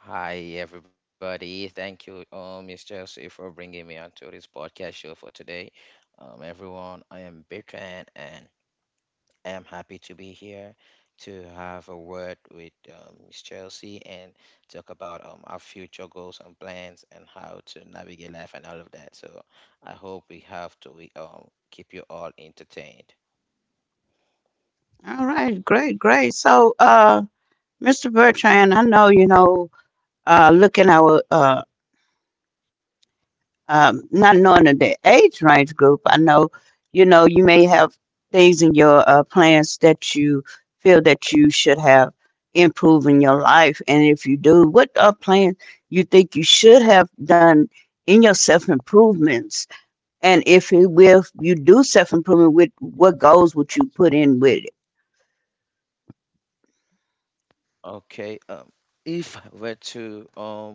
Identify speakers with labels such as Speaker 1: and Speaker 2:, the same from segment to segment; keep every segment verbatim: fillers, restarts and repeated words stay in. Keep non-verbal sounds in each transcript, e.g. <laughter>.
Speaker 1: Hi, everybody. Thank you, um, mister Jesse, for bringing me onto this podcast show for today. Um, everyone, I am Bertrand, and I am happy to be here to have a word with um, Miss Chelsea and talk about um, our future goals and plans and how to navigate life and all of that. So I hope we have to we, um, keep you all entertained. Okay, um, if I were to um,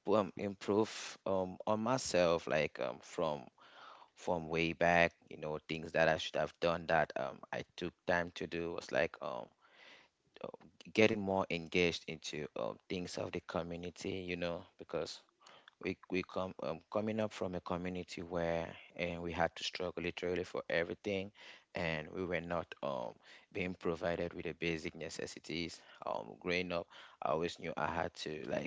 Speaker 1: um improve um on myself, like um from from way back, you know, things that I should have done that um, I took time to do was like um, uh, getting more engaged into um, things of the community, you know, because we we come um, coming up from a community where and we had to struggle literally for everything, and we were not um being provided with the basic necessities. Um, growing up, I always knew I had to like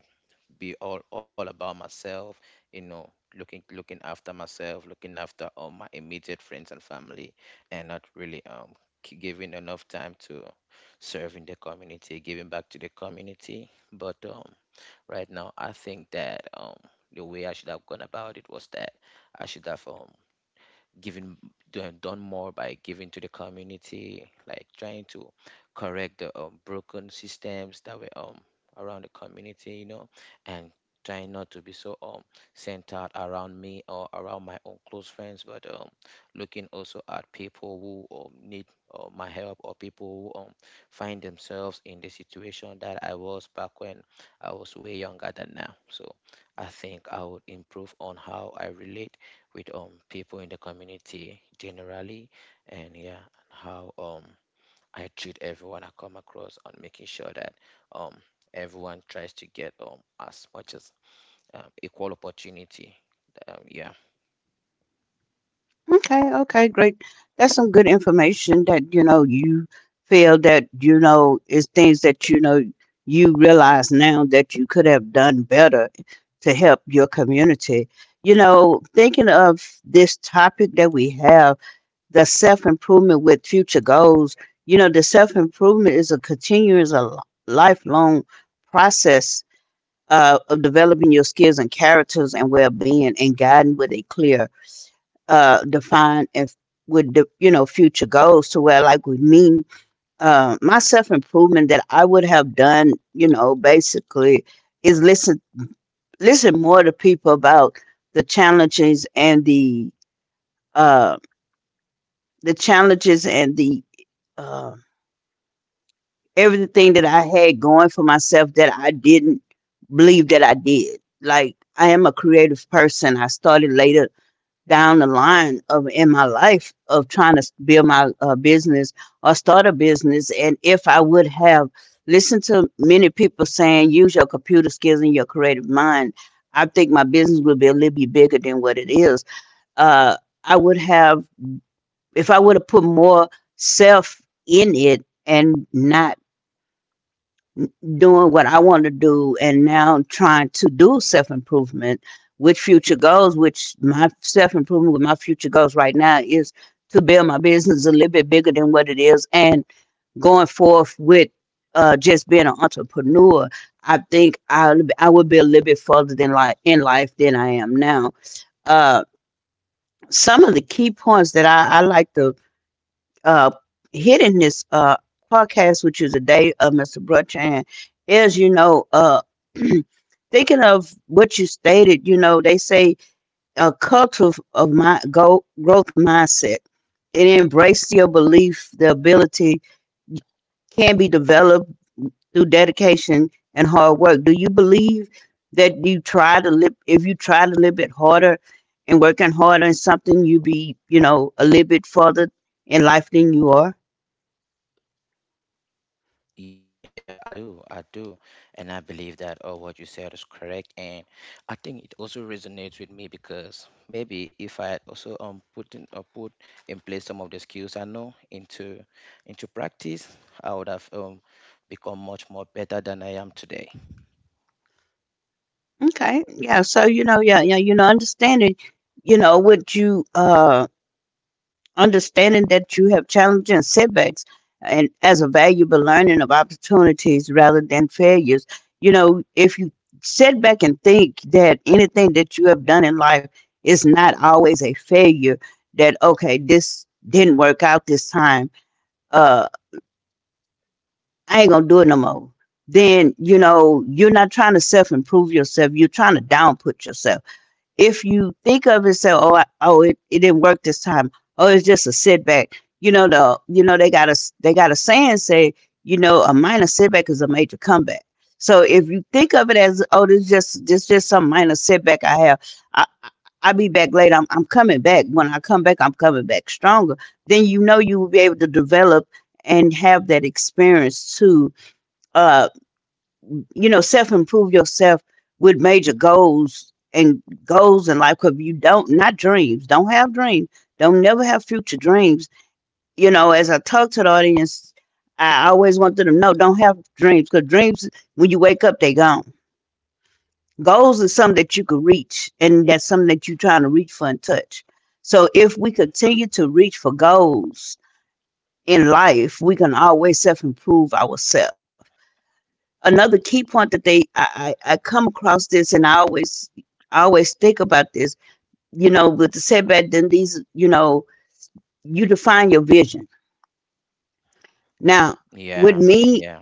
Speaker 1: be all all about myself. You know, looking looking after myself, looking after all my immediate friends and family, and not really um k- giving enough time to serving the community, giving back to the community. But um, right now I think that um the way I should have gone about it was that I should have um given do- done more by giving to the community, like trying to correct the um, broken systems that were um around the community, you know, and trying not to be so um centered around me or around my own close friends, but um looking also at people who um, need uh, my help or people who um find themselves in the situation that I was back when I was way younger than now. So I think I would improve on how I relate with um people in the community generally, and yeah, and how um I treat everyone I come across on making sure that um everyone tries to get um as much as um, equal opportunity. Um, yeah. Yeah, yeah, I do. I do. And I believe that uh, what you said is correct. And I think it also resonates with me because maybe if I had also um put in uh, put in place some of the skills I know into into practice, I would have um become much more better than I am today. Yeah, yeah,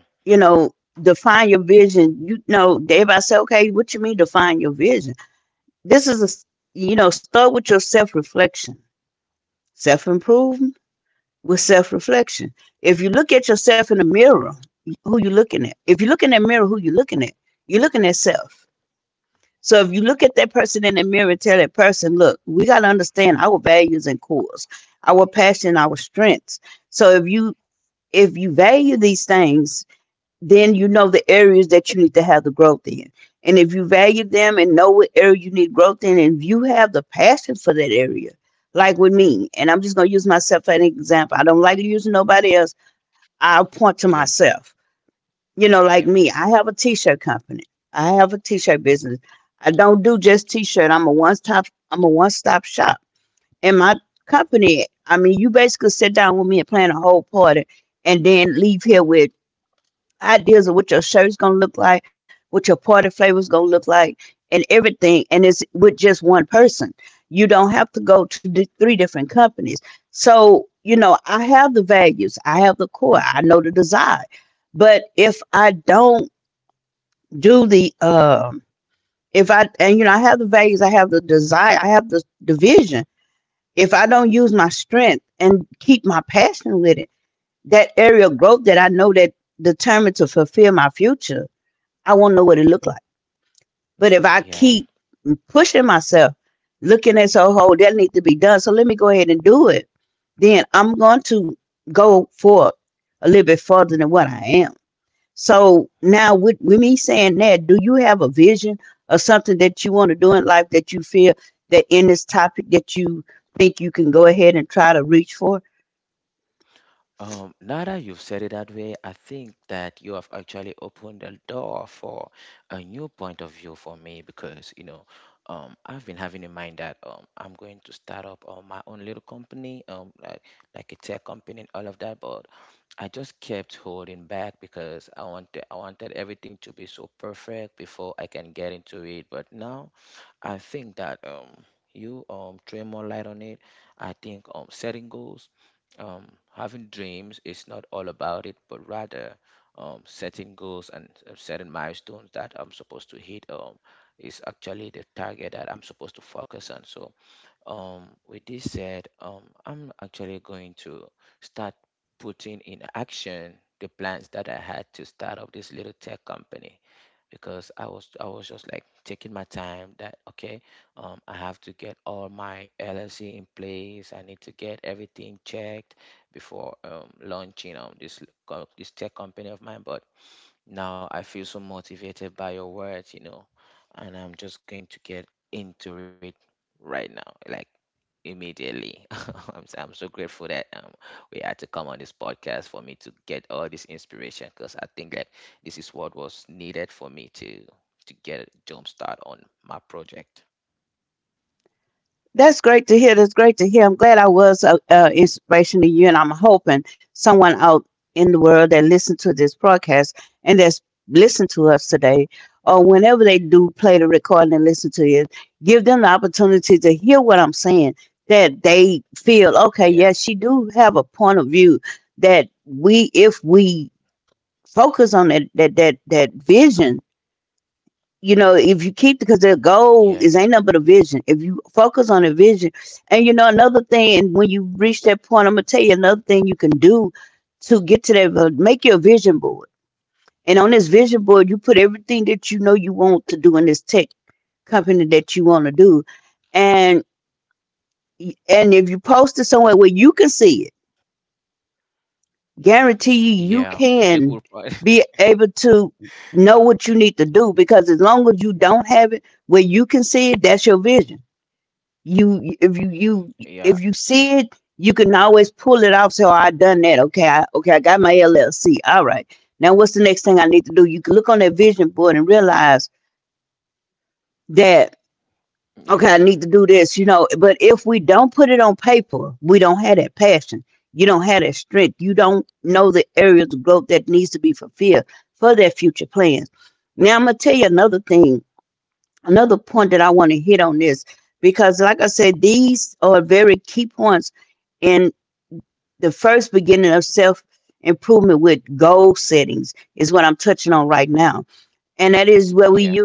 Speaker 1: yeah, yeah, yeah. Um, now that you've said it that way, I think that you have actually opened the door for a new point of view for me because, you know, um, I've been having in mind that um, I'm going to start up um, my own little company, um, like like a tech company and all of that, but I just kept holding back because I wanted I wanted everything to be so perfect before I can get into it. But now, I think that um, you um, throw more light on it. I think um, setting goals um, having dreams is not all about it, but rather um, setting goals and uh, setting milestones that I'm supposed to hit um, is actually the target that I'm supposed to focus on. So, um, with this said, um, I'm actually going to start putting in action the plans that I had to start up this little tech company because I was I was just like taking my time that okay um I have to get all my L L C in place. I need to get everything checked before um launching um this l- co- this tech company of mine. But now I feel so motivated by your words, you know, and I'm just going to get into it right now, like immediately. <laughs> I'm, s- I'm so grateful that um, we had to come on this podcast for me to get all this inspiration because I think that this is what was needed for me to to get a jump start on my project. Yeah, yeah, yeah. The good part. <laughs> Yeah, yeah, yeah.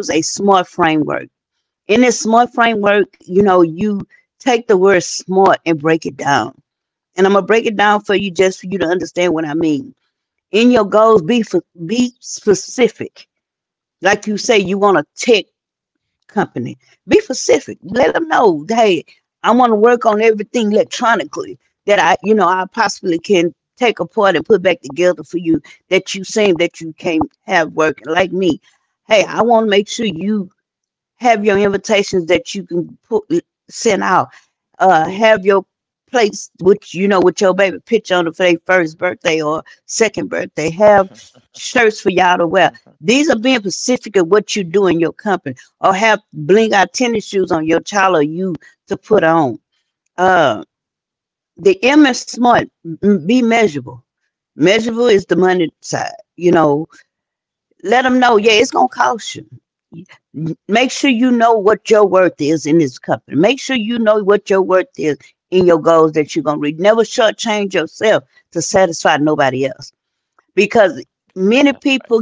Speaker 1: Okay. <laughs> Mhm, mhm. Yeah, that's right.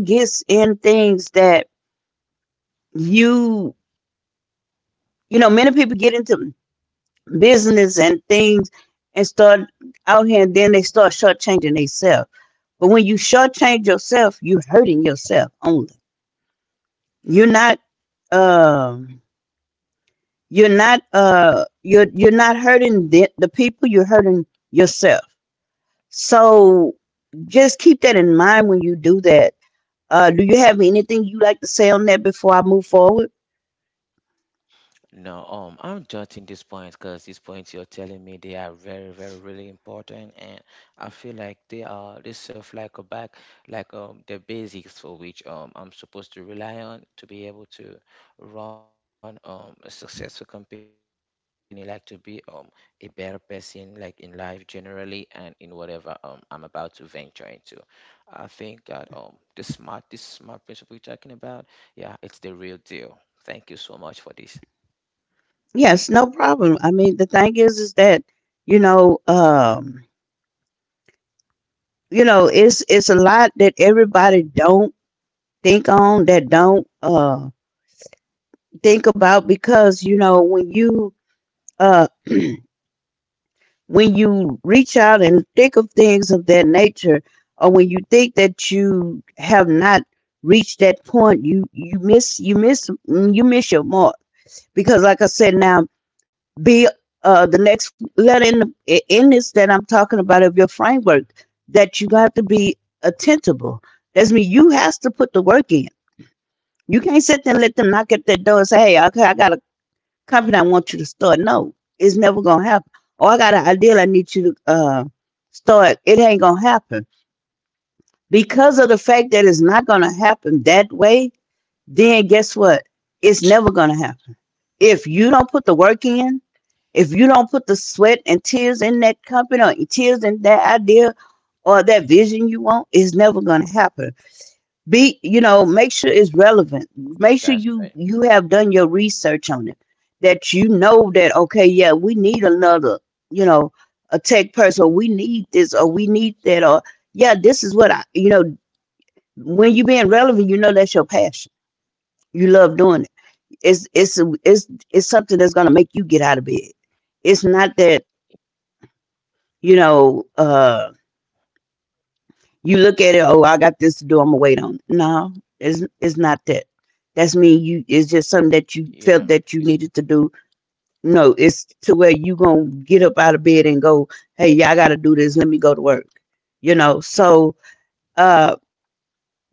Speaker 1: No, um, I'm jotting these points because these points you're telling me, they are very, very, really important, and I feel like they are they serve like a back, like um the basics for which um I'm supposed to rely on to be able to run um a successful company, like to be um a better person, like in life generally and in whatever um I'm about to venture into. I think that um the smart this smart principle you're talking about, yeah, it's the real deal. Thank you so much for this. That's right. Yeah, it's, yeah,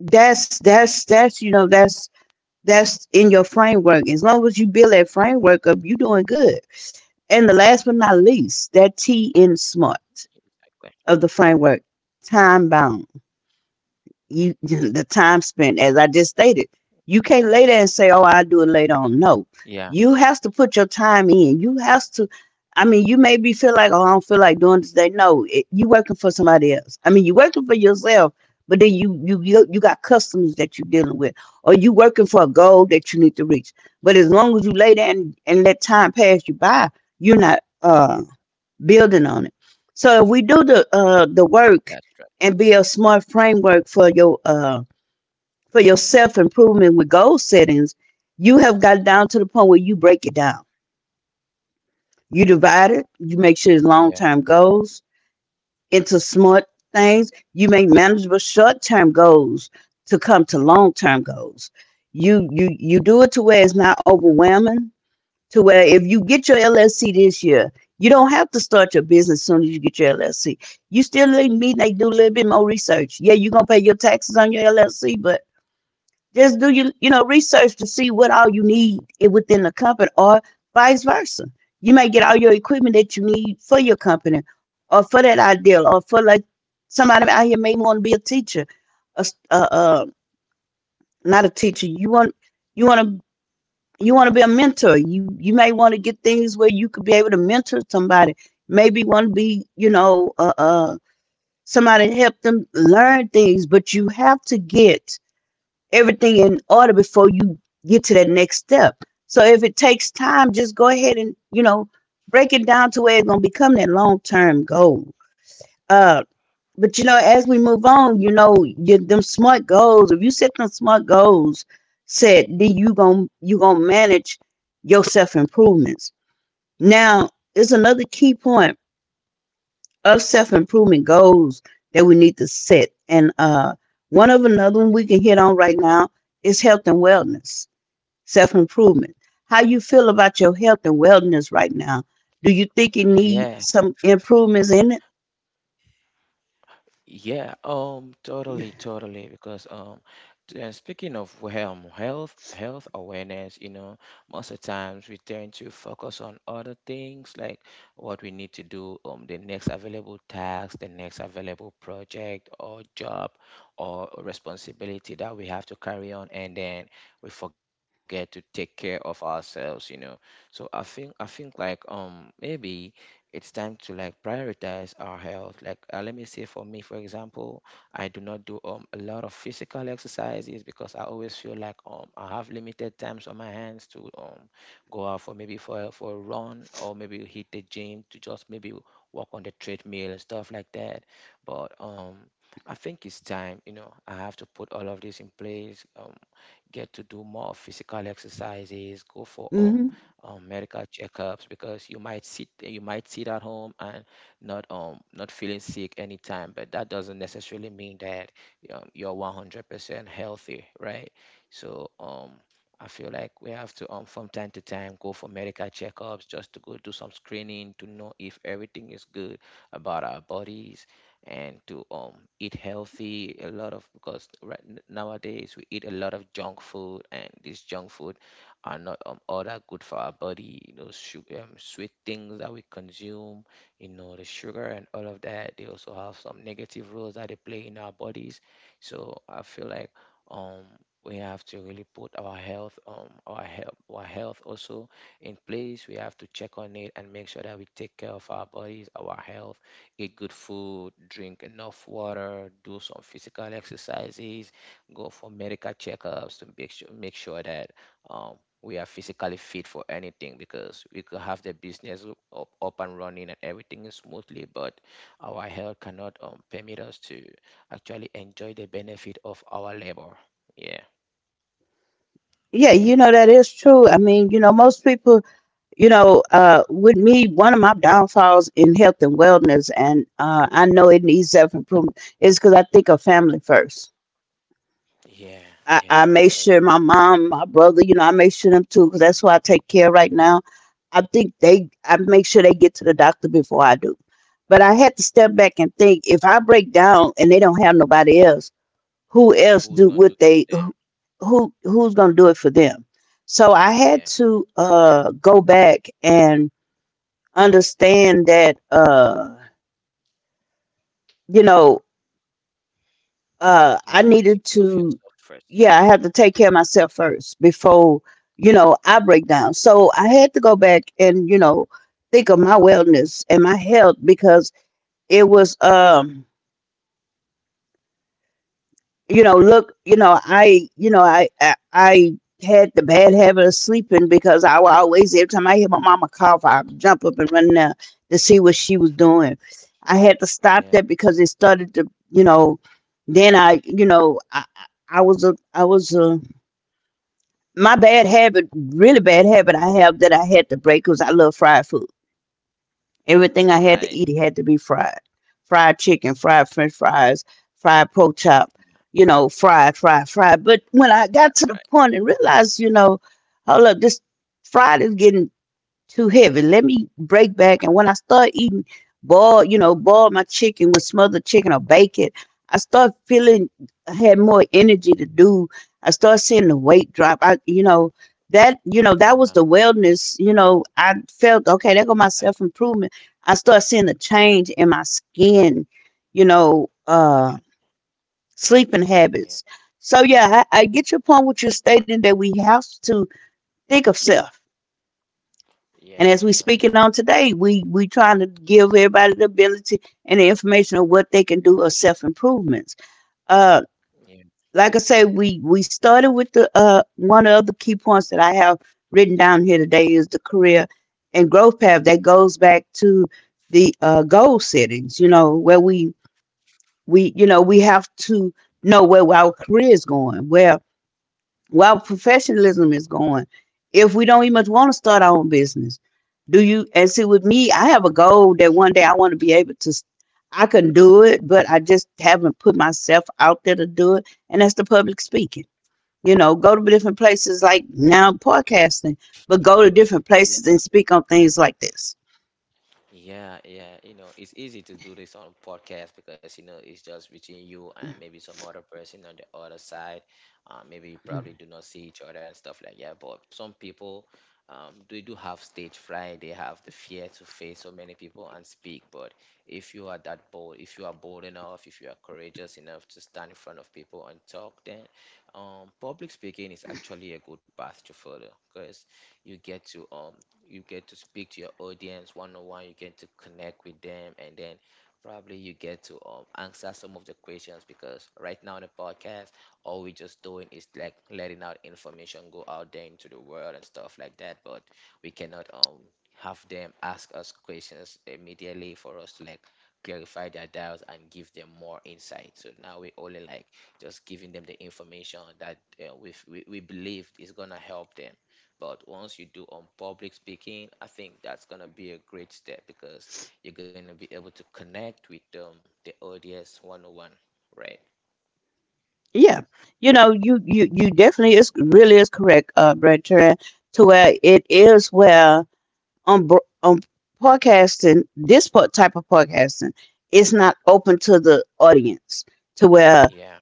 Speaker 1: exactly. Yeah, that's right. Yeah, yeah, yeah, um, totally, totally. Because um, t- uh, speaking of um, health, health awareness, you know, most of the times we tend to focus on other things like what we need to do, um, the next available task, the next available project or job or responsibility that we have to carry on, and then we forget to take care of ourselves, you know. So I think I think like um maybe it's time to like prioritize our health. Like, uh, let me say for me, for example, I do not do um a lot of physical exercises because I always feel like um I have limited times on my hands to um go out for maybe for a- for a run or maybe hit the gym to just maybe walk on the treadmill and stuff like that. But um I think it's time, you know, I have to put all of this in place. Um, get to do more physical exercises, go for um um, medical checkups because you might sit you might sit at home and not um not feeling sick anytime, but that doesn't necessarily mean that um, you're one hundred percent healthy, right? So um, I feel like we have to um from time to time go for medical checkups, just to go do some screening to know if everything is good about our bodies and to um eat healthy a lot of because right n- nowadays we eat a lot of junk food, and this junk food are not um, all that good for our body. You know, su- um, sweet things that we consume, you know, the sugar and all of that. They also have some negative roles that they play in our bodies. So I feel like um we have to really put our health um our health our health also in place. We have to check on it and make sure that we take care of our bodies, our health, eat good food, drink enough water, do some physical exercises, go for medical checkups to make sure make sure that um we are physically fit for anything because we could have the business up, up and running and everything is smoothly, but our health cannot um, permit us to actually enjoy the benefit of our labor. Yeah, yeah, yeah, totally. Who's gonna do it for them? Yeah, you have to take care of yourself first. <laughs> Yeah, right. Yeah, right, right. Yeah, exactly. Yeah, yeah, yeah, you know, yeah. Yeah, yeah, you know, it's easy to do this on podcast because you know it's just between you and maybe some other person on the other side. Uh, maybe you probably do not see each other and stuff like that. But some people, um, they do have stage fright. They have the fear to face so many people and speak. But if you are that bold, if you are bold enough, if you are courageous enough to stand in front of people and talk, then um, public speaking is actually a good path to follow because you get to um, you get to speak to your audience one on one, you get to connect with them, and then probably you get to um, answer some of the questions because right now in the podcast, all we're just doing is like letting out information go out there into the world and stuff like that, but we cannot um have them ask us questions immediately for us to like clarify their doubts and give them more insight. So now we only like just giving them the information that uh, we, we we believe is gonna help them. But once you do on public speaking, I think that's gonna be a great step because you're gonna be able to connect with um, the audience one on one, right? Yeah,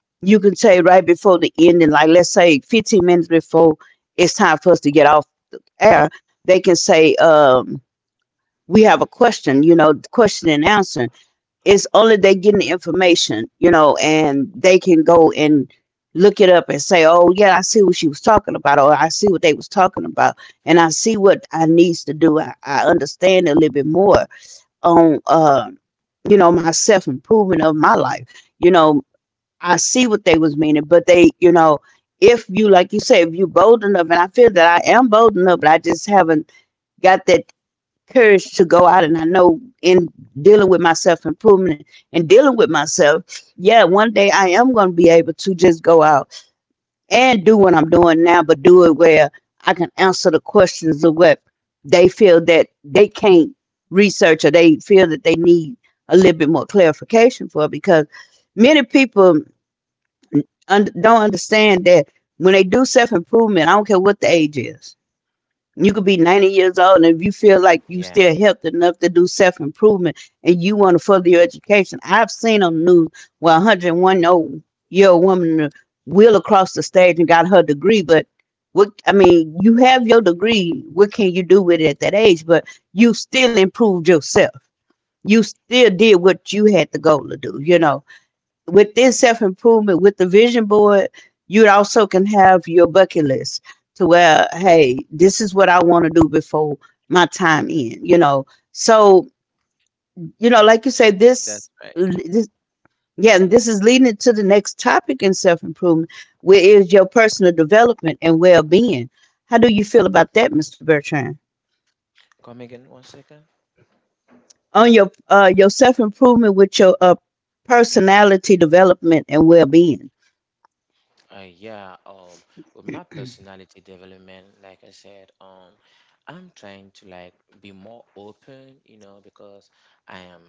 Speaker 1: yeah, yeah, that's right. Come again one second. Uh, yeah, um, with my personality development, like I said, um, I'm trying to like be more open, you know, because I am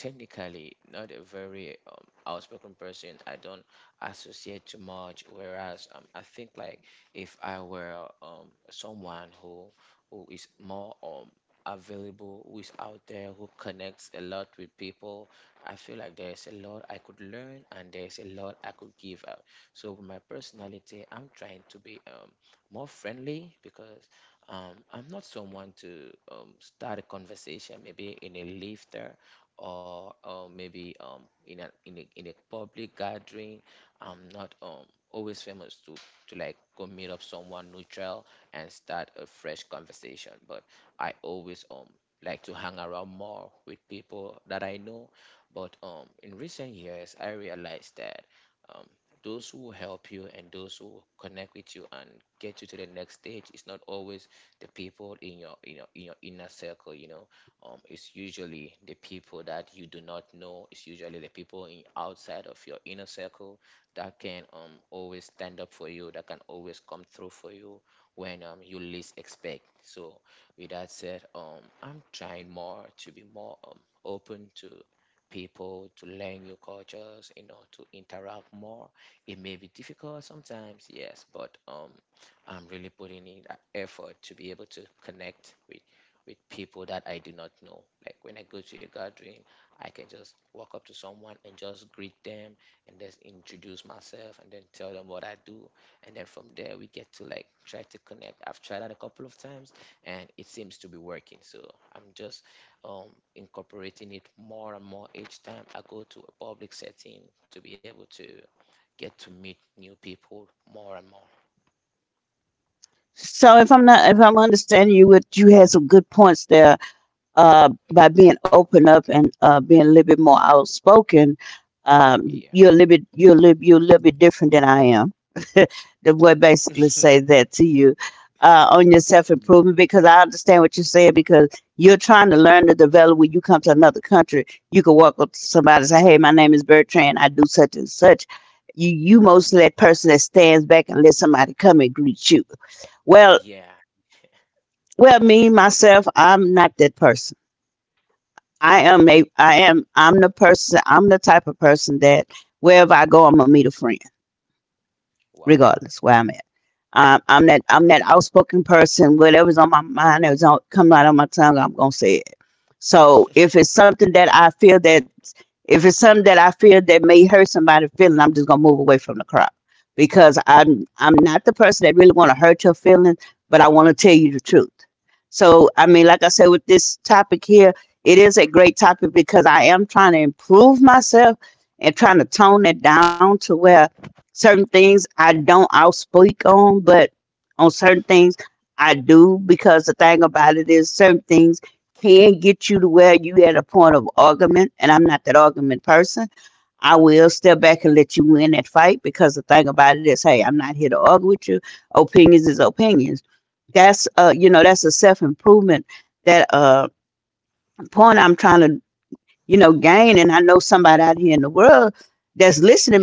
Speaker 1: technically not a very um, outspoken person. I don't associate too much. Whereas, um, I think like if I were um someone who who is more um available, who is out there, who connects a lot with people, I feel like there's a lot I could learn and there's a lot I could give. uh, so with my personality, I'm trying to be um, more friendly, because um, I'm not someone to um, start a conversation maybe in a lifter or uh, maybe um, in a in a in a public gathering. I'm not um, always famous to to like go meet up someone neutral and start a fresh conversation. But I always um like to hang around more with people that I know. But um, in recent years, I realized that um, those who help you and those who connect with you and get you to the next stage, it's not always the people in your you know in your inner circle, you know. Um it's usually the people that you do not know. It's usually the people in outside of your inner circle that can um always stand up for you, that can always come through for you when um you least expect. So with that said, um I'm trying more to be more um open to people, to learn new cultures, you know, to interact more. It may be difficult sometimes, yes, but um, I'm really putting in that effort to be able to connect with with people that I do not know. Like when I go to a gathering, I can just walk up to someone and just greet them and just introduce myself and then tell them what I do. And then from there, we get to like try to connect. I've tried that a couple of times and it seems to be working. So I'm just um, incorporating it more and more each time I go to a public setting to be able to get to meet new people more and more. Yeah. <laughs> Yeah. Oh, wow.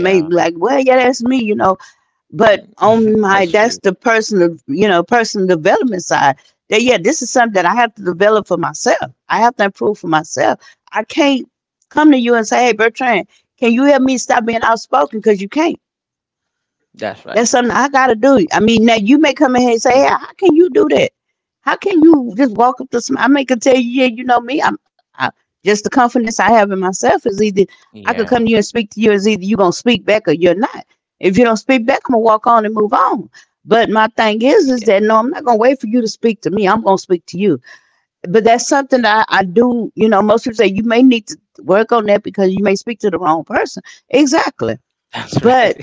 Speaker 1: Yeah, <laughs> that's true. That's right. Yeah. Yeah, yeah, <laughs> that's right.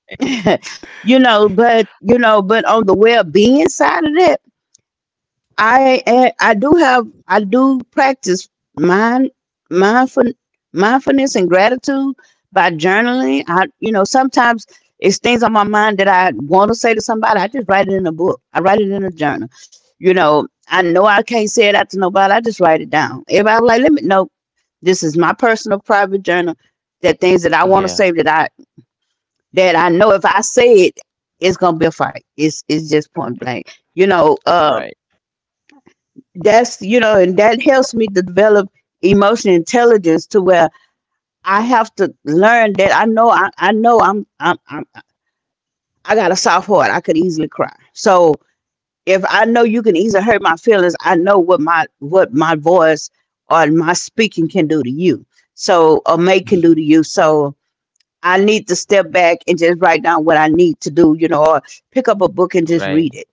Speaker 1: <laughs> Yeah, right, <laughs> right.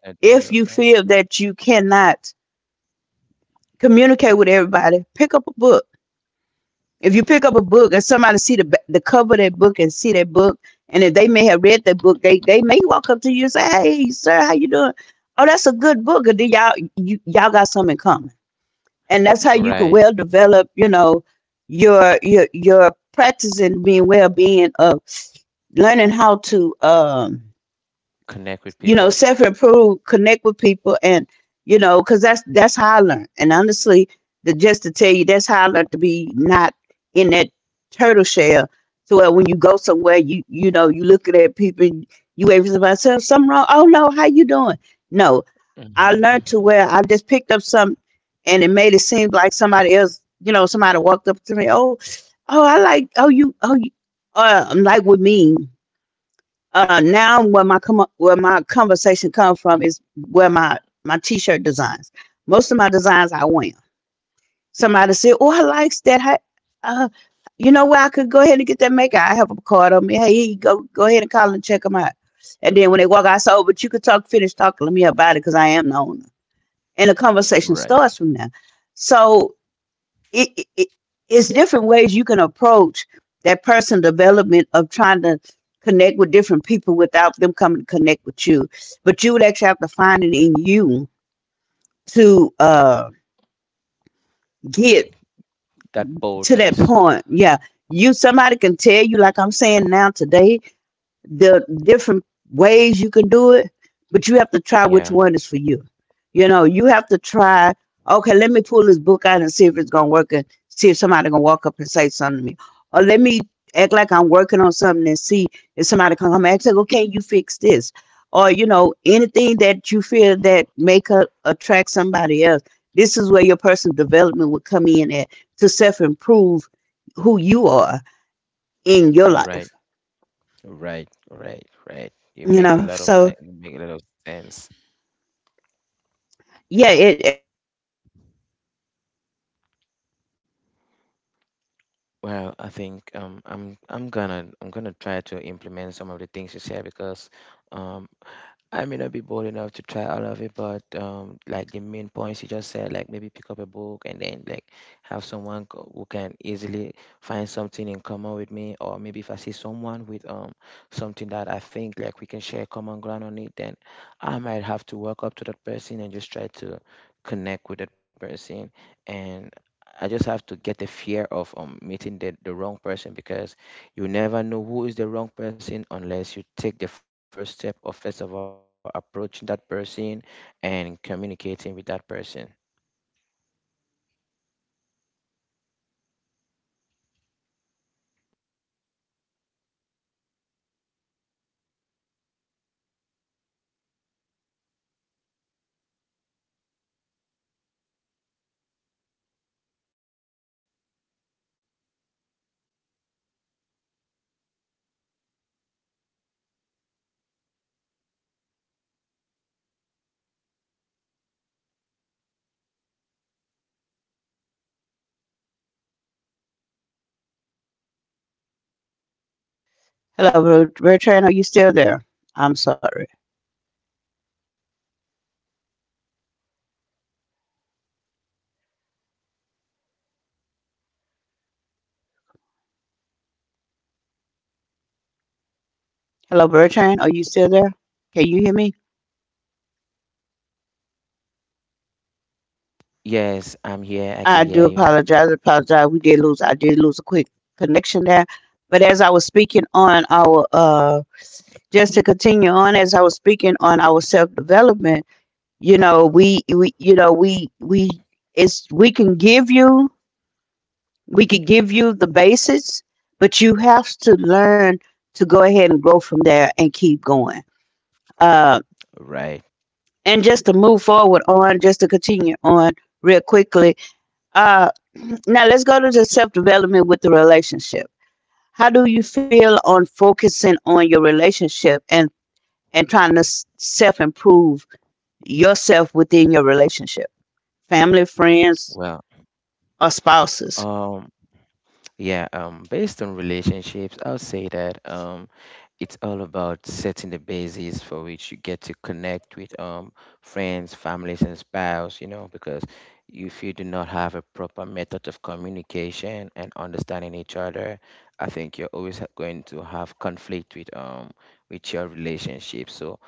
Speaker 1: Personal development. Right. Connect with people. Hmm. <laughs> Right. That boldness. Yeah, right, right, right, right. You make a lot of fe- you make a lot of sense. Well, I think um, I'm I'm gonna I'm gonna try to implement some of the things you said, because um, I may not be bold enough to try all of it, but um, like the main points you just said, like maybe pick up a book and then like have someone co- who can easily find something in common with me, or maybe if I see someone with um something that I think like we can share common ground on it, then I might have to walk up to that person and just try to connect with that person and. I just have to get the fear of um, meeting the, the wrong person, because you never know who is the wrong person unless you take the first step of first of all approaching that person and communicating with that person.
Speaker 2: Hello, Ber- Bertrand, are you still there? I'm sorry. Hello, Bertrand, are you still there? Can you hear me?
Speaker 1: Yes, I'm here. I can
Speaker 2: I do
Speaker 1: hear you.
Speaker 2: apologize. I apologize. We did lose. I did lose a quick connection there. But as I was speaking on our, uh, just to continue on, as I was speaking on our self development, you know, we, we, you know, we, we, it's, we can give you, we could give you the basics, but you have to learn to go ahead and grow from there and keep going. Um,
Speaker 1: Right.
Speaker 2: and just to move forward on, just to continue on real quickly. Uh, Now let's go to the self development with the relationship. How do you feel on focusing on your relationship and and trying to self improve yourself within your relationship, family, friends,
Speaker 1: Well,
Speaker 2: or spouses?
Speaker 1: um, yeah, um, based on relationships, I'll say that um, it's all about setting the basis for which you get to connect with um, friends, families, and spouse, you know, because if you do not have a proper method of communication and understanding each other, I think you're always ha- going to have conflict with um with your relationship. So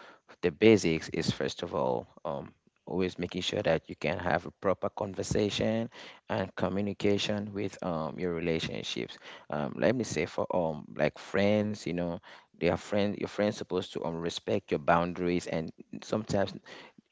Speaker 1: the basics is first of all um always making sure that you can have a proper conversation and communication with um your relationships. Um, let me say for um like friends, you know, their friend your friends supposed to um respect your boundaries. And sometimes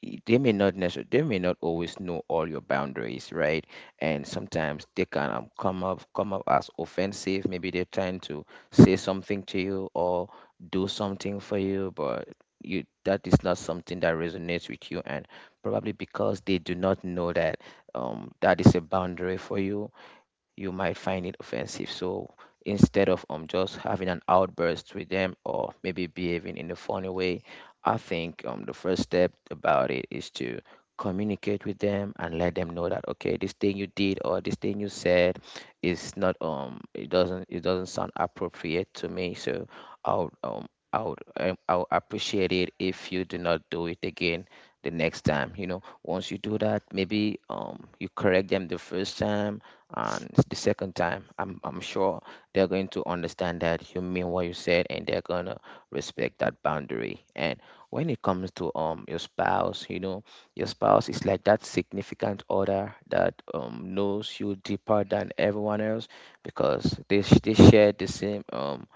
Speaker 1: y- they may not necessarily they may not always know all your boundaries, right? And sometimes they can um, come up come up as offensive. Maybe they're trying to say something to you or do something for you, but you, that is not something that resonates with you, and probably because they do not know that um that is a boundary for you, you might find it offensive. So instead of um just having an outburst with them or maybe behaving in a funny way, I think, um, the first step about it is to communicate with them and let them know that okay, this thing you did or this thing you said is not, um it doesn't it doesn't sound appropriate to me. So I'll um I would um, I would appreciate it if you do not do it again the next time. You know, once you do that, maybe um you correct them the first time and s- the second time. I'm I'm sure they're going to understand that you mean what you said, and they're gonna respect that boundary. And when it comes to um your spouse, you know, your spouse is like that significant other that um knows you deeper than everyone else, because they sh- they share the same um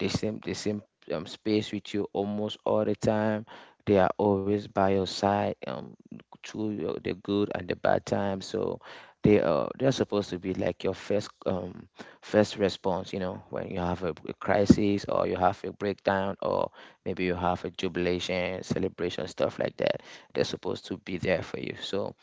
Speaker 1: the same the same um, space with you almost all the time. They are always by your side, um through your, the good and the bad times. So they are they're supposed to be like your first um first response, you know, when you have a, a crisis, or you have a breakdown, or maybe you have a jubilation, celebration, stuff like that. They're supposed to be there for you. So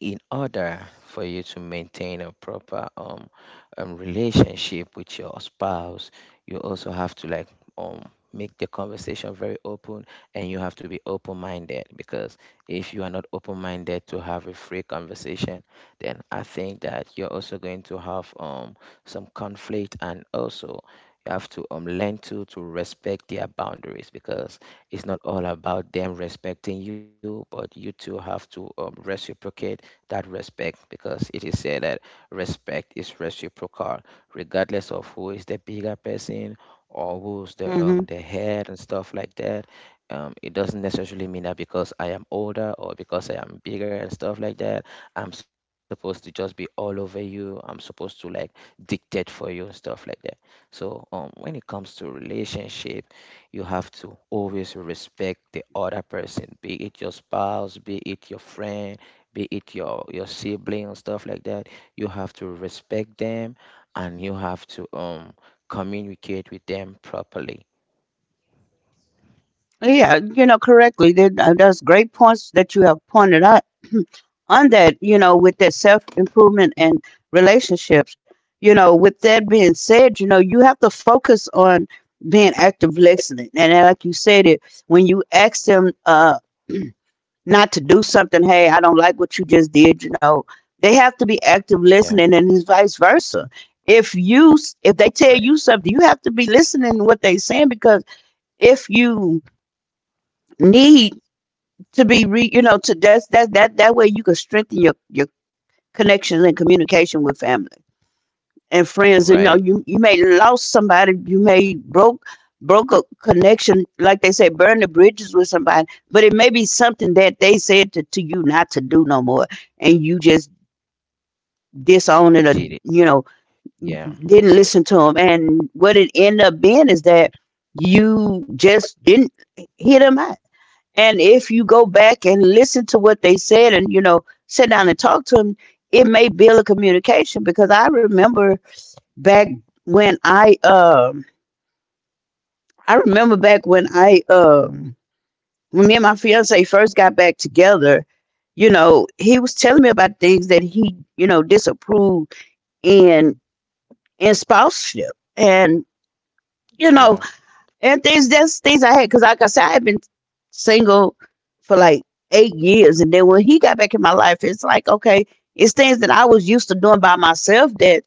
Speaker 1: in order for you to maintain a proper um, um relationship with your spouse, you also have to like um make the conversation very open. And you have to be open minded, because if you are not open minded to have a free conversation, then I think that you're also going to have um some conflict. And also, you have to um learn to to respect their boundaries, because it's not all about them respecting you, but you two have to um, reciprocate that respect, because it is said that respect is reciprocal, regardless of who is the bigger person or who's the
Speaker 2: Hmm.
Speaker 1: um the head and stuff like that. Um it doesn't necessarily mean that because I am older or because I am bigger and stuff like that, I'm supposed to just be all over you. I'm supposed to like dictate for you and stuff like that. So um when it comes to relationship, you have to always respect the other person, be it your spouse, be it your friend, be it your your sibling or stuff like that. You have to respect them, and you have to um communicate with them properly.
Speaker 2: Yeah, you know, correctly. There That, uh, that's great points that you have pointed out on that, you know, with that self improvement and relationships, you know, with that being said, you know, you have to focus on being active listening. And like you said, it when you ask them uh, not to do something, hey, I don't like what you just did, you know, they have to be active
Speaker 1: Yeah.
Speaker 2: listening, and it's vice versa. If you s- if they tell you
Speaker 1: Right.
Speaker 2: something, you have to be listening to what they're saying because if you need to be re you know to that's that that that way you can strengthen your your connections and communication with family and friends. And, you know,
Speaker 1: Right.
Speaker 2: you, you may lost somebody, you may broke broke a connection, like they say, burn the bridges with somebody. But it may be something that they said to, to you not to do no more, and you just disown it or
Speaker 1: Did
Speaker 2: you
Speaker 1: it.
Speaker 2: know
Speaker 1: Yeah,
Speaker 2: didn't listen to them. And what it ended up being is that you just didn't hear them out. And if you go back and listen to what they said and, you know, sit down and talk to them, it may build a communication because I remember back when I um I remember back when I um when me and my fiance first got back together, you know, he was telling me about things that he, you know, disapproved in in spouseship. And, you know,
Speaker 1: yeah.
Speaker 2: and things that's things I had because like I said, I had been single for like eight years, and then when he got back in my life, it's like okay, it's things that I was used to doing by myself that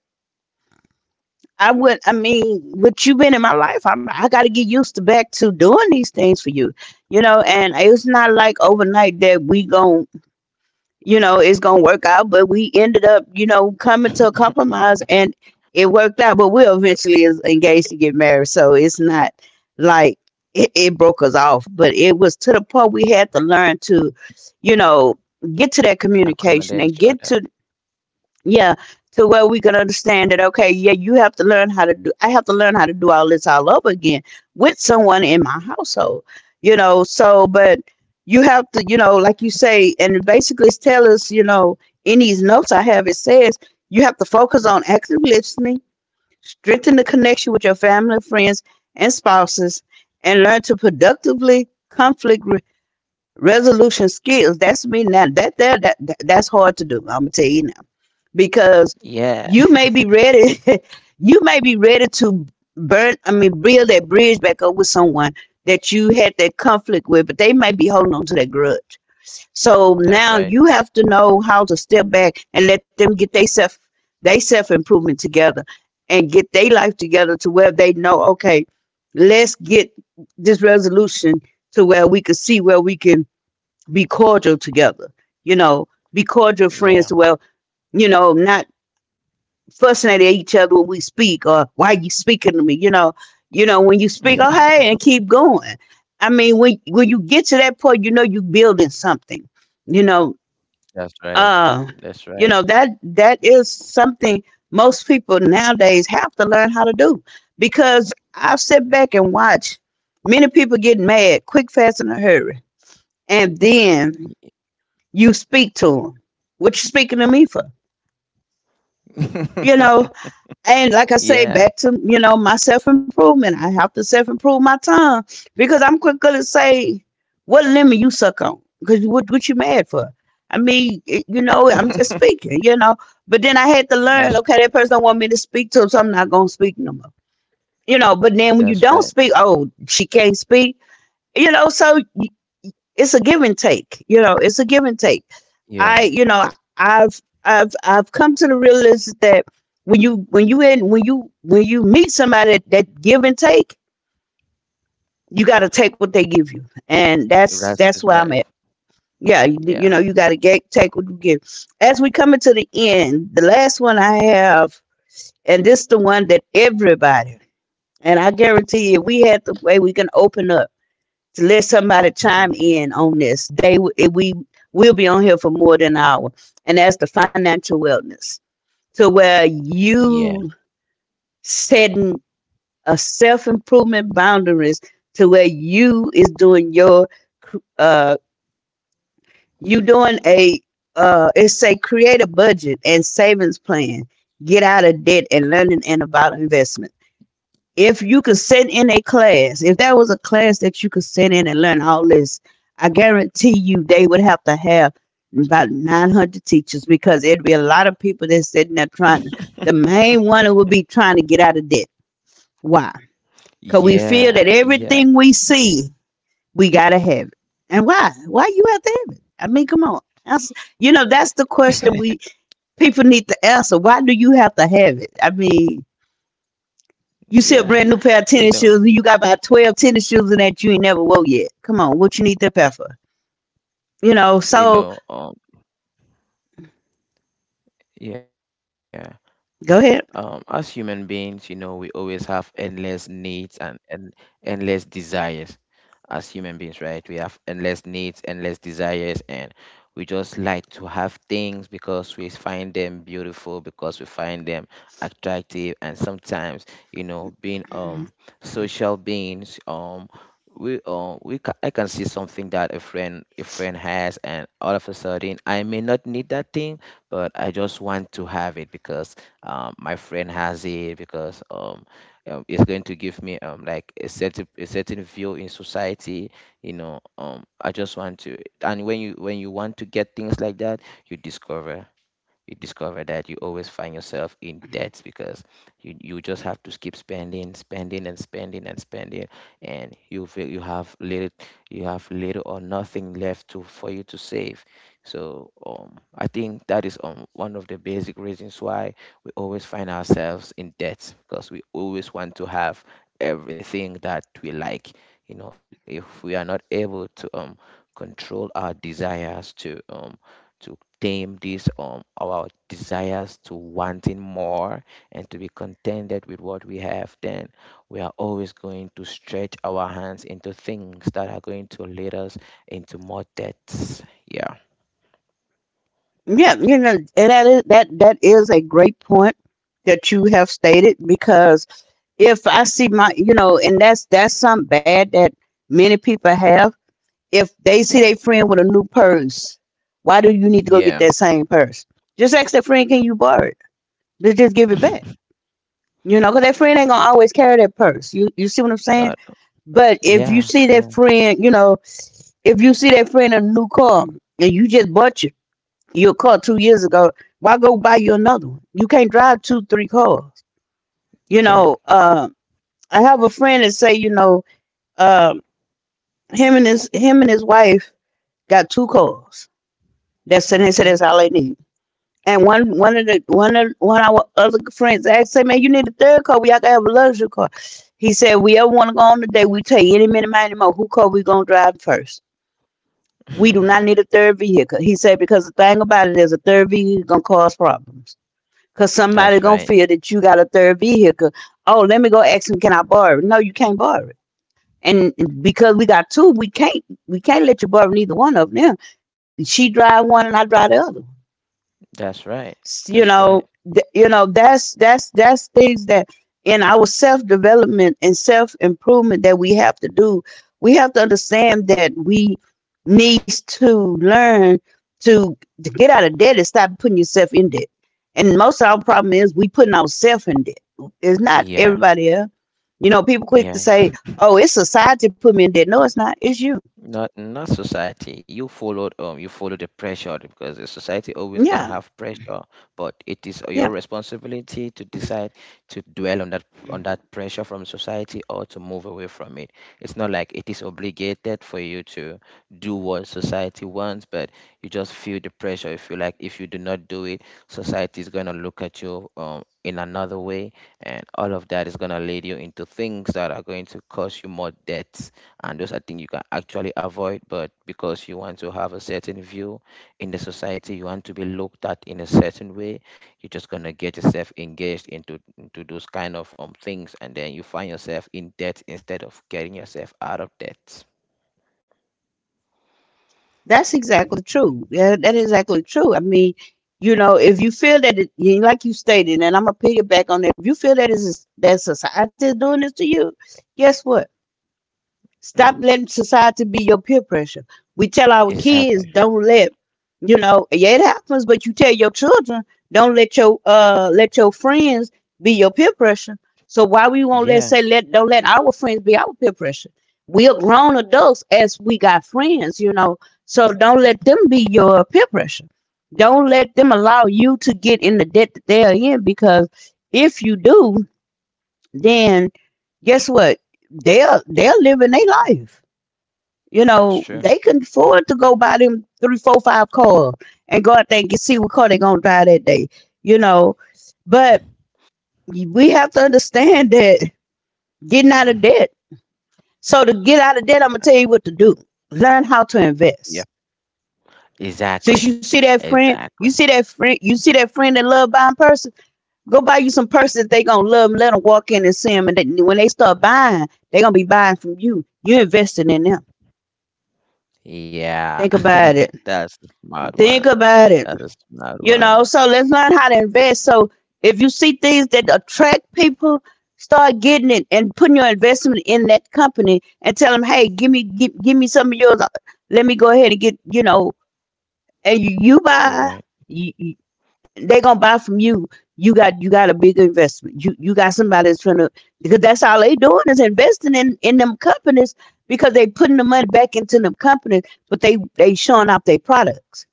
Speaker 2: I would. I mean, with you been in my life, I'm, I got to get used to back to doing these things for you, you know. And it's not like overnight that we gon' you know, it's gonna work out. But we ended up, you know, coming to a
Speaker 1: <laughs>
Speaker 2: compromise and it worked out. But we'll eventually is engaged to get married. So it's not like it, it broke us off. But it was to the point we had to learn to, you know, get to that communication and
Speaker 1: Accommodate each
Speaker 2: get to,
Speaker 1: other.
Speaker 2: yeah, to where we can understand that, okay, yeah, you have to learn how to do, I have to learn how to do all this all over again with someone in my household, you know. So, but you have to, you know, like you say, and basically it's tell us, you know, in these notes I have, it says you have to focus on active listening, strengthen the connection with your family, friends, and spouses, and learn to productively conflict re- resolution skills. That's me now. That there, that, that that's hard to do. I'm gonna tell you now because you may
Speaker 1: Yeah,
Speaker 2: be ready. <laughs> You may be ready to burn, I mean build that bridge back up with someone that you had that conflict with, but they may be holding on to that grudge. So now you
Speaker 1: that's
Speaker 2: have to
Speaker 1: right.
Speaker 2: know how to step back and let them get they self, they self improvement together, and get their life together to where they know okay, let's get this resolution to where we can see where we can be cordial together, you know, be cordial friends to where,
Speaker 1: Yeah,
Speaker 2: you know, not fussing at each other when we speak or why you speaking to me, you know. You know when you speak, oh hey, and keep going. I mean, when when you get to that point, you know you're building something, you know.
Speaker 1: that's
Speaker 2: uh
Speaker 1: right.
Speaker 2: you know
Speaker 1: That's
Speaker 2: that
Speaker 1: right.
Speaker 2: that is something most people nowadays have to learn how to do because I've sit back and watch many people get mad quick fast in a hurry, and then you speak to them, what you speaking to me for, you know.
Speaker 1: <laughs>
Speaker 2: And like I say, back to
Speaker 1: Yeah.
Speaker 2: you know my self improvement. I have to self improve my tongue because I'm quicker to say what lemon you suck on because what what you mad for? I mean, it- you know, I'm just speaking, you know.
Speaker 1: <laughs>
Speaker 2: But then I had to learn. Okay, that person
Speaker 1: that's
Speaker 2: don't want me to speak to to 'em, so I'm not gonna speak no more. You know. But then when you don't speak,
Speaker 1: that's right.
Speaker 2: oh, she can't speak. You know, so it's a give and take, you know it's a give and take. I you know
Speaker 1: Yeah,
Speaker 2: i've i've i've come to the realization that when you when you in when you when you meet somebody, that, that give and take, you got to take what they give you, and that's that's where I'm at.
Speaker 1: that's, is right.
Speaker 2: Yeah, you, you know you got to get
Speaker 1: Yeah.
Speaker 2: take what you give. As we coming to the end, the last one I have, and this the one that everybody, and I guarantee you if we had the way we can open up to let somebody chime in on
Speaker 1: <laughs>
Speaker 2: this, They w- eh, we will be on here for more than an hour, and that's the financial wellness, to where you
Speaker 1: Yeah,
Speaker 2: setting a self improvement boundaries to where you is doing your uh you doing a uh it's say create a budget and savings plan, get out of debt and learning and about investment. If you could sit in a class, if there was a class that you could sit in and learn all this, I guarantee you they would have to have about nine hundred teachers because it'd be a lot of people that's sitting there trying to, the main one would be trying to get out of debt. Why? Because we feel that
Speaker 1: yeah,
Speaker 2: everything we
Speaker 1: yeah.
Speaker 2: see, we got to have it. And why? Why you have to have it? I mean, come on. That's, you know, that's the question we
Speaker 1: <laughs>
Speaker 2: people need to answer. Why do you have to have it? I mean, you see a brand new pair of
Speaker 1: Yeah,
Speaker 2: tennis shoes, and you got
Speaker 1: you
Speaker 2: about
Speaker 1: know,
Speaker 2: twelve tennis shoes in that you ain't never wore yet. Come on, what you need that pair for? You know, so
Speaker 1: you know, um, yeah,
Speaker 2: go ahead.
Speaker 1: um, as human beings, you know, we always have endless needs and and endless desires. As human beings, right? We have endless needs, endless desires, and we just like to have things because we find them beautiful, because we find them attractive, and sometimes, you know, being um social beings, um, we um we ca- I can see something that a friend a friend has, and all of a sudden I may not need that thing, but I just want to have it because um my friend has it, because um um, it's going to give me um like a certain a certain view in society, you know. um I just want to and when you when you want to get things like that, you discover, you discover that you always find yourself in debts, because you, you just have to keep spending, spending, and spending, and spending, and you feel you have little, you have little or nothing left to for you to save. So um I think that is um one of the basic reasons why we always find ourselves in debt, because we always want to have everything that we like. You know, if we are not able to um control our desires to um to tame these um our desires to wanting more, and to be contented with what we have, then we are always going to stretch our hands into things that are going to lead us into more debts. Yeah.
Speaker 2: Yeah, you know, and that is, that, that is a great point that you have stated because if I see my, you know, and that's, that's something bad that many people have. If they see their friend with a new purse, why do you need to go get
Speaker 1: Yeah.
Speaker 2: that same purse? Just ask that friend, can you borrow it? Just give it back.
Speaker 1: <laughs>
Speaker 2: You know, because that friend ain't gonna always carry that purse. You you see what I'm saying?
Speaker 1: Not,
Speaker 2: But if you
Speaker 1: yeah.
Speaker 2: see that
Speaker 1: Yeah.
Speaker 2: friend, you know, if you see that friend a new car and you just bought your, your car two years ago, why go buy you another one? You can't drive two, three cars. You
Speaker 1: You
Speaker 2: know,
Speaker 1: can.
Speaker 2: uh, I have a friend that say, you know, uh, him and his him and his wife got two cars. That's, and they said
Speaker 1: Okay.
Speaker 2: that's all they need. And one one of the one of one of our other friends asked, say, man, you need a third car. We got to have a luxury car. He said, we ever want to go on the day, we tell you any minute, any more, who car we gonna drive first? We do not need a
Speaker 1: <laughs>
Speaker 2: third vehicle. He said because the thing about it is a third vehicle gonna cause problems. Cause somebody
Speaker 1: That's
Speaker 2: gonna
Speaker 1: right.
Speaker 2: feel that you got a third vehicle. Oh, let me go ask him, can I borrow it? No, you can't borrow it. And because we got two, we can't we can't let you borrow neither one of them. Cause she drive one and I drive the other.
Speaker 1: That's right.
Speaker 2: You
Speaker 1: That's
Speaker 2: know,
Speaker 1: right.
Speaker 2: th- you know that's that's that's things that in our self development and self improvement that we have to do. We have to understand that we needs to learn to to get out of debt and stop putting yourself in debt. And most of our problem is we putting ourselves in debt. It's not
Speaker 1: Yeah.
Speaker 2: everybody else. You know, people quick to say,
Speaker 1: Yeah.
Speaker 2: "Oh, it's society put me in debt." No, it's not. It's you.
Speaker 1: Not, not society. You followed um you follow the pressure, because the society always gonna
Speaker 2: Yeah,
Speaker 1: have pressure, but it is your
Speaker 2: yeah.
Speaker 1: responsibility to decide to dwell on that on that pressure from society or to move away from it. It's not like it is obligated for you to do what society wants, but you just feel the pressure. If you feel like if you do not do it, society is gonna look at you um in another way, and all of that is gonna lead you into things that are going to cause you more debt, and those are things you can actually avoid, but because you want to have a certain view in the society, you want to be looked at in a certain way, you're just going to get yourself engaged into into those kind of um things, and then you find yourself in debt instead of getting yourself out of debt.
Speaker 2: That's exactly true. Yeah, that is exactly true. I mean, you know, if you feel that, it, like you stated, and I'm gonna piggyback on that. If you feel that is that society is doing this to you, guess what? Stop letting society be your peer pressure. We tell our
Speaker 1: Exactly.
Speaker 2: kids, don't let, you know, yeah, it happens, but you tell your children, don't let your uh let your friends be your peer pressure. So why we won't
Speaker 1: Yeah,
Speaker 2: let say let don't let our friends be our peer pressure. We are grown adults as we got friends, you know. So don't let them be your peer pressure. Don't let them allow you to get in the debt that they are in because if you do, then guess what? They're they're living their life, you
Speaker 1: it's
Speaker 2: know,
Speaker 1: true. <laughs>
Speaker 2: they can afford to go buy them three, four, five cars and go out there and get, see what car they going to drive that day, you know. But we have to understand that getting out
Speaker 1: Mhm.
Speaker 2: of debt. So to get out of debt,
Speaker 1: Yeah,
Speaker 2: I'm going to tell you what to do. Learn how to
Speaker 1: yeah,
Speaker 2: invest.
Speaker 1: exactly.
Speaker 2: Since you see that friend,
Speaker 1: Exactly.
Speaker 2: you see that friend, you see that friend that love buying purses, go buy you some purses that they going to love and let them walk in and see them. And then when they start buying, they going to be buying from you. You investing in them.
Speaker 1: Yeah.
Speaker 2: Think about
Speaker 1: <laughs>
Speaker 2: it.
Speaker 1: That's a smart one.
Speaker 2: Think about
Speaker 1: That's
Speaker 2: it.
Speaker 1: a smart
Speaker 2: You
Speaker 1: one.
Speaker 2: know, so let's learn how to invest. So if you see things that attract people, start getting it and putting your investment in that company and tell them, hey, give me give, give me some of yours. Let me go ahead and get, you know, and you, you buy.
Speaker 1: Right,
Speaker 2: You, you, they gonna buy from you. You got you got a big investment. You you got somebody that's trying to, because that's all they doing is investing in in them companies, because they putting the money back into them companies, but they they showing off their products.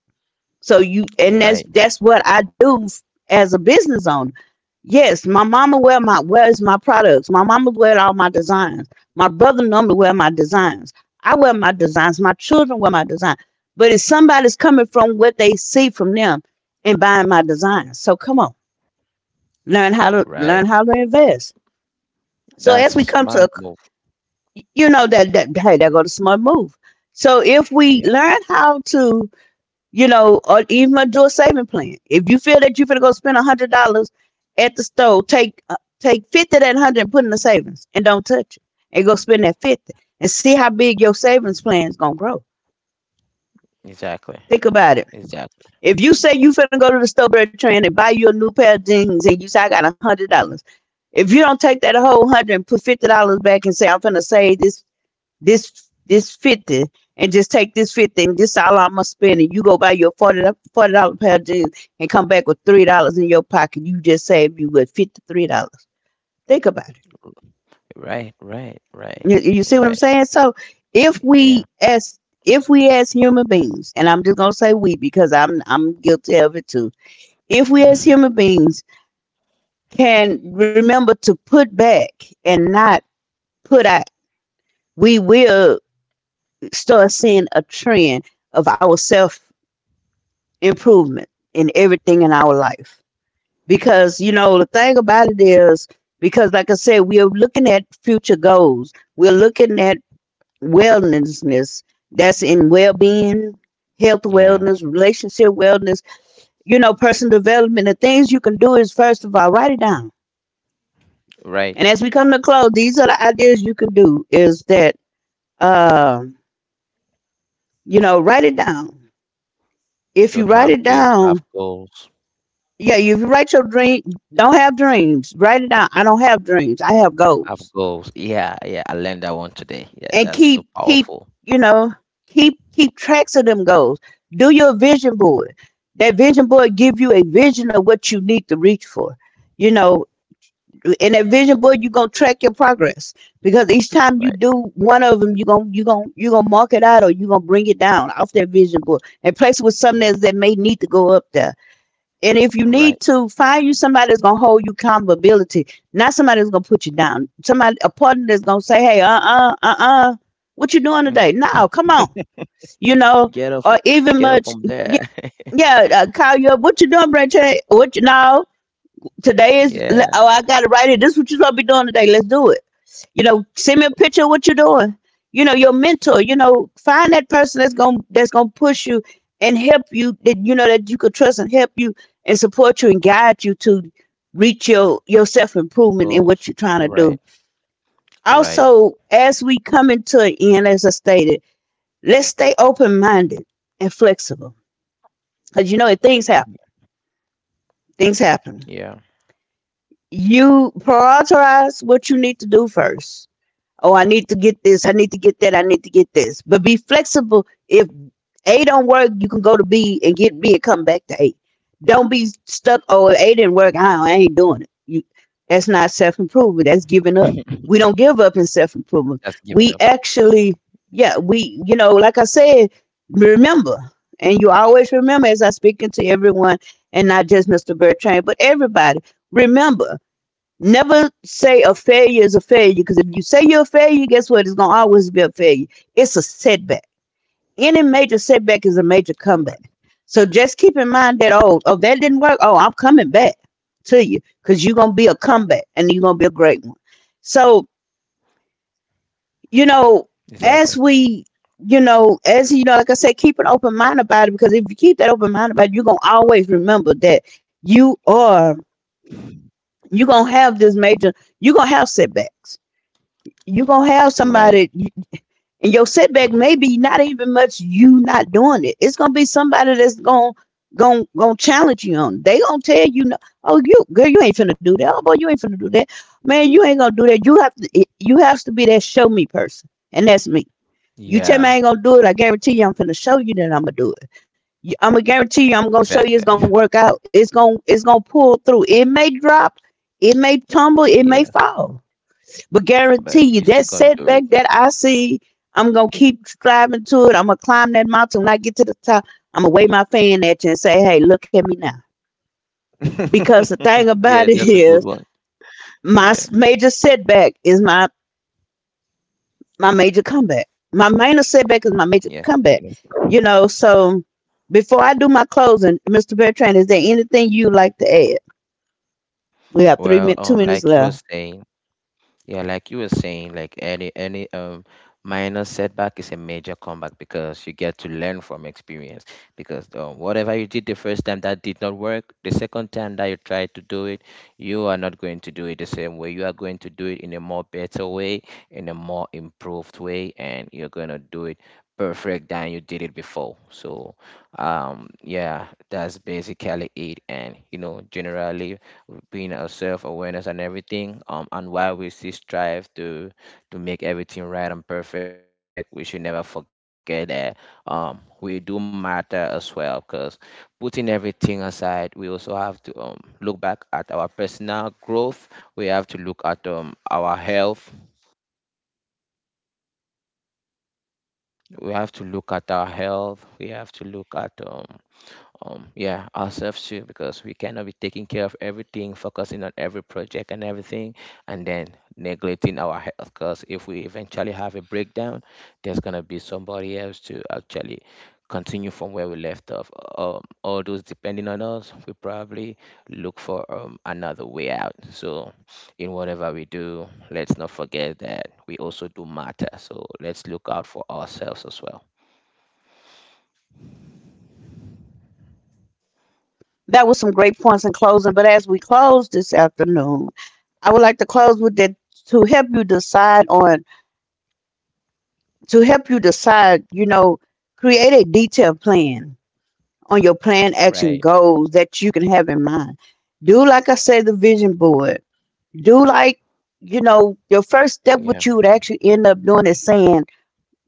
Speaker 2: So you and
Speaker 1: right,
Speaker 2: that's that's what I do as a business owner. Yes, my mama wear my wears my products. My mama wear all my designs. My brother normally wear my designs. I wear my designs. My children wear my designs. But if somebody's coming from what they see from them and buying my designs, so come on, learn how to
Speaker 1: right.
Speaker 2: learn how to invest. So
Speaker 1: That's
Speaker 2: as
Speaker 1: a
Speaker 2: we come
Speaker 1: smart
Speaker 2: to,
Speaker 1: move.
Speaker 2: a- you know that that hey, that go the smart move. So if we
Speaker 1: Yeah.
Speaker 2: learn how to, you know, or even do a saving plan. If you feel that you're gonna go spend a hundred dollars at the store, take uh, take fifty of that hundred and put in the savings, and don't touch it, and go spend that fifty, and see how big your savings plan is gonna grow.
Speaker 1: Exactly.
Speaker 2: Think about it.
Speaker 1: Exactly.
Speaker 2: If you say you finna go to the store, Bertrand, and buy you a new pair of jeans, and you say I got a hundred dollars, if you don't take that whole hundred and put fifty dollars back and say I'm finna save this this this fifty and just take this fifty and this is all I'm gonna spend and you go buy your forty forty dollar pair of jeans and come back with three dollars in your pocket. You just saved you with fifty three dollars. Think about it.
Speaker 1: Right, right, right,
Speaker 2: You, you see what I'm
Speaker 1: right.
Speaker 2: saying? So if we
Speaker 1: Yeah.
Speaker 2: as if we as human beings, and I'm just gonna say we because I'm I'm guilty of it too. If we as human
Speaker 1: <laughs>
Speaker 2: beings can remember to put back and not put out, we will start seeing a trend of our self improvement in everything in our life, because you know the thing about it is, because like I said, we are looking at future goals, we're looking at wellnessness, that's in well-being, health wellness,
Speaker 1: Yeah,
Speaker 2: relationship wellness, you know, personal development. The things you can do is first of all write it down, and
Speaker 1: right.
Speaker 2: as we come to close, these are the ideas you can do is that, um you know, write it down. If you
Speaker 1: Don't
Speaker 2: write it
Speaker 1: have dreams,
Speaker 2: down,
Speaker 1: have goals.
Speaker 2: yeah, if you write your dream, don't have dreams, write it down. I don't have dreams, I have goals.
Speaker 1: Have goals. Yeah, yeah. I learned that one today. Yeah,
Speaker 2: And
Speaker 1: that's
Speaker 2: keep
Speaker 1: so
Speaker 2: keep
Speaker 1: powerful.
Speaker 2: you know, keep keep tracks of them goals. Do your vision board. That vision board give you a vision of what you need to reach for, you know. In that vision board you're going to track your progress, because each time you
Speaker 1: Right.
Speaker 2: do one of them you're going you gonna you going to mark it out, or you're going to bring it down off that vision board and place it with something else that
Speaker 1: Yeah.
Speaker 2: may need to go up there. And if you need
Speaker 1: Right.
Speaker 2: to find you somebody that's gonna hold you accountability, not somebody that's gonna put you down. Somebody, a partner that's gonna say, "Hey, uh, uh, uh, uh, what you doing today?"
Speaker 1: Mm.
Speaker 2: No, come on, you know,
Speaker 1: Get up,
Speaker 2: or even
Speaker 1: get up
Speaker 2: much,
Speaker 1: from there. <laughs>
Speaker 2: yeah, uh, call you up. What you doing, Brent? What you know? Today is. Oh,
Speaker 1: Yeah.
Speaker 2: I got to write it. This is what you gonna be doing today. Let's do it, you know, send me a picture of what you're doing. You know, your mentor. You know, find that person that's gonna that's gonna push you and help you that you know that you could trust and help you and support you and guide you to reach your your self
Speaker 1: Your
Speaker 2: improvement in what you're
Speaker 1: goals.
Speaker 2: trying to do.
Speaker 1: Right.
Speaker 2: Also,
Speaker 1: Right.
Speaker 2: as we come into an end, as I stated, let's stay open minded and flexible, because you know it, things happen. Things happen,
Speaker 1: Yeah.
Speaker 2: you prioritize what you need to do first. Oh, I need to get this. I need to get that. I need to get this. But be flexible. If A don't work, you can go to B and get B and come back to A. Don't be stuck. Oh, if A didn't work. Now I ain't doing it. You, that's not self improvement. That's giving up.
Speaker 1: <laughs>
Speaker 2: We don't give up in self improvement.
Speaker 1: That's giving up.
Speaker 2: We actually, yeah, we, you know, like I said, remember, and you always remember as I speaking to everyone, and not just Mister Bertrand, but everybody. Remember, never say a failure is a failure because if you say you're a failure, guess what? It's gonna always be a failure. It's a setback. Any major setback is a major
Speaker 1: Right.
Speaker 2: comeback. So just keep in mind that oh, oh that didn't work. Oh, I'm coming back to you because you're gonna be a comeback and you're gonna be a great one. So, you know,
Speaker 1: Exactly.
Speaker 2: as we, you know, as you know, like I said, keep an open mind about it because if you keep that open mind about it, you're gonna always remember that you are, you're gonna have this major. You're gonna have setbacks, you're gonna have
Speaker 1: Right.
Speaker 2: somebody, and your setback may be not even much you not doing it, it's gonna be somebody that's gonna gonna, gonna challenge you on, they gonna tell you no. Oh, you girl you ain't finna do that, oh boy you ain't finna do that, man you ain't gonna do that. You have to, you have to be that show me person, and that's me. You
Speaker 1: Yeah.
Speaker 2: tell me I ain't gonna do it, I guarantee you I'm finna show you that I'm gonna do it. I'm gonna guarantee you I'm gonna show
Speaker 1: Exactly.
Speaker 2: you it's
Speaker 1: <laughs>
Speaker 2: gonna work out, it's gonna it's gonna pull through. It may drop, it may tumble, it may
Speaker 1: Yeah.
Speaker 2: fall, but
Speaker 1: But
Speaker 2: guarantee
Speaker 1: you
Speaker 2: you
Speaker 1: still
Speaker 2: that
Speaker 1: gonna do it.
Speaker 2: setback that I see, I'm gonna keep striving to it. I'm gonna climb that mountain. When I get to the top, I'm gonna wave my fan at you and say, "Hey, look at me now." Because the thing
Speaker 1: <laughs>
Speaker 2: about
Speaker 1: Yeah,
Speaker 2: it <laughs>
Speaker 1: that's a
Speaker 2: is,
Speaker 1: good one.
Speaker 2: my
Speaker 1: Yeah,
Speaker 2: major setback is my my major comeback. My minor setback is my
Speaker 1: yeah,
Speaker 2: major
Speaker 1: you know.
Speaker 2: comeback. You know, so before I do my closing, Mister Bertrand, is there anything you'd like to add? We have three
Speaker 1: Well,
Speaker 2: minutes,
Speaker 1: um,
Speaker 2: two minutes
Speaker 1: like you were
Speaker 2: left.
Speaker 1: saying, yeah, like you were saying, like any any um minor setback is a major comeback, because you get to learn from experience. Because um, whatever you did the first time that did not work, the second time that you try to do it, you are not going to do it the same way. You are going to do it in a more better way, in a more improved way, and you're gonna do it perfect than you did it before. So um yeah, that's basically it. And you know, generally being our self-awareness and everything, um and while we still strive to to make everything right and perfect, we should never forget that um we do matter as well, because putting everything aside, we also have to um look back at our personal growth, we have to look at um our health, we have to look at our health, we have to look at um Um, yeah, ourselves too, because we cannot be taking care of everything, focusing on every project and everything, and then neglecting our health. Because if we eventually have a breakdown, there's gonna be somebody else to actually continue from where we left off. Um, all those depending on us, we probably look for um, another way out. So, in whatever we do, let's not forget that we also do matter. So let's look out for ourselves as well,
Speaker 2: That was some great points in closing. But as we close this afternoon, I would like to close with that to help you decide on to help you decide, you know, create a detailed plan on your plan action
Speaker 1: right?
Speaker 2: goals that you can have in mind. Do like I say the vision board. Do like, you know, your first step what
Speaker 1: Yeah.
Speaker 2: you would actually end up doing is saying,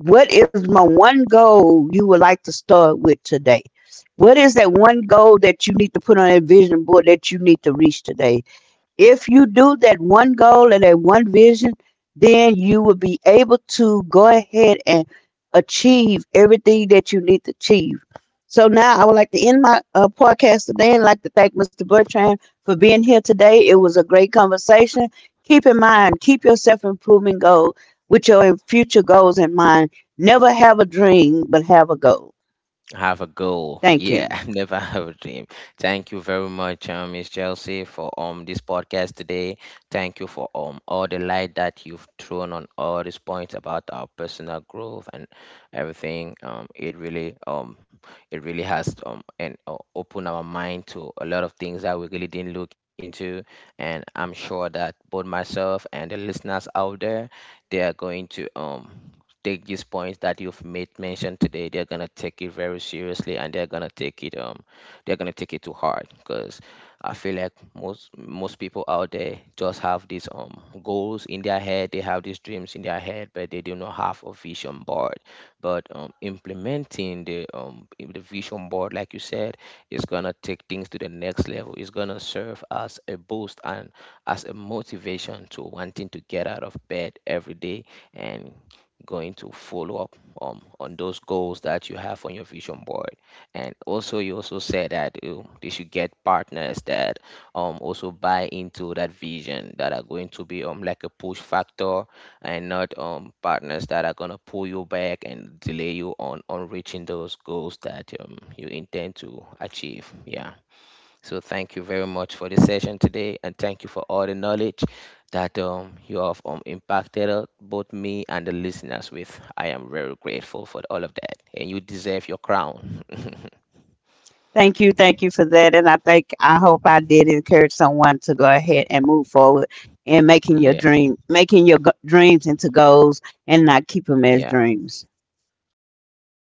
Speaker 2: what is my one goal you would like to start with today? What is that one goal that you need to put on a vision board that you need to reach today? If you do that one goal and that one vision, then you will be able to go ahead and achieve everything that you need to achieve. So now I would like to end my uh, podcast today and like to thank Mister Bertrand for being here today. It was a great conversation. Keep in mind, keep your self improvement goal with your future goals in mind. Never have a dream, but have a goal.
Speaker 1: Have a goal.
Speaker 2: Thank you.
Speaker 1: Yeah, <laughs> never have a dream. Thank you very much, um, Miss Chelsea, for um this podcast today. Thank you for um all the light that you've thrown on all these points about our personal growth and everything. Um, it really um it really has um and uh, opened our mind to a lot of things that we really didn't look into. And I'm sure that both myself and the listeners out there, they are going to um take these points that you've made mentioned today, they're gonna take it very seriously, and they're gonna take it um they're gonna take it to heart, because I feel like most most people out there just have these um goals in their head, they have these dreams in their head, but they do not have a vision board. But um implementing the um the vision board like you said is gonna take things to the next level. It's gonna serve as a boost and as a motivation to wanting to get out of bed every day and going to follow up um, on those goals that you have on your vision board. And also, you also said that you, they should get partners that um also buy into that vision, that are going to be um like a push factor, and not um partners that are going to pull you back and delay you on on reaching those goals that um you intend to achieve. Yeah, so thank you very much for the session today, and thank you for all the knowledge that um, you have um, impacted uh, both me and the listeners with. I am very grateful for all of that, and you deserve your crown.
Speaker 2: Thank you, thank you for that, and I think I hope I did encourage someone to go ahead and move forward in
Speaker 1: <laughs>
Speaker 2: making your
Speaker 1: Yeah,
Speaker 2: dream, making your go- dreams into goals, and not keep them
Speaker 1: yeah,
Speaker 2: as dreams.
Speaker 1: right,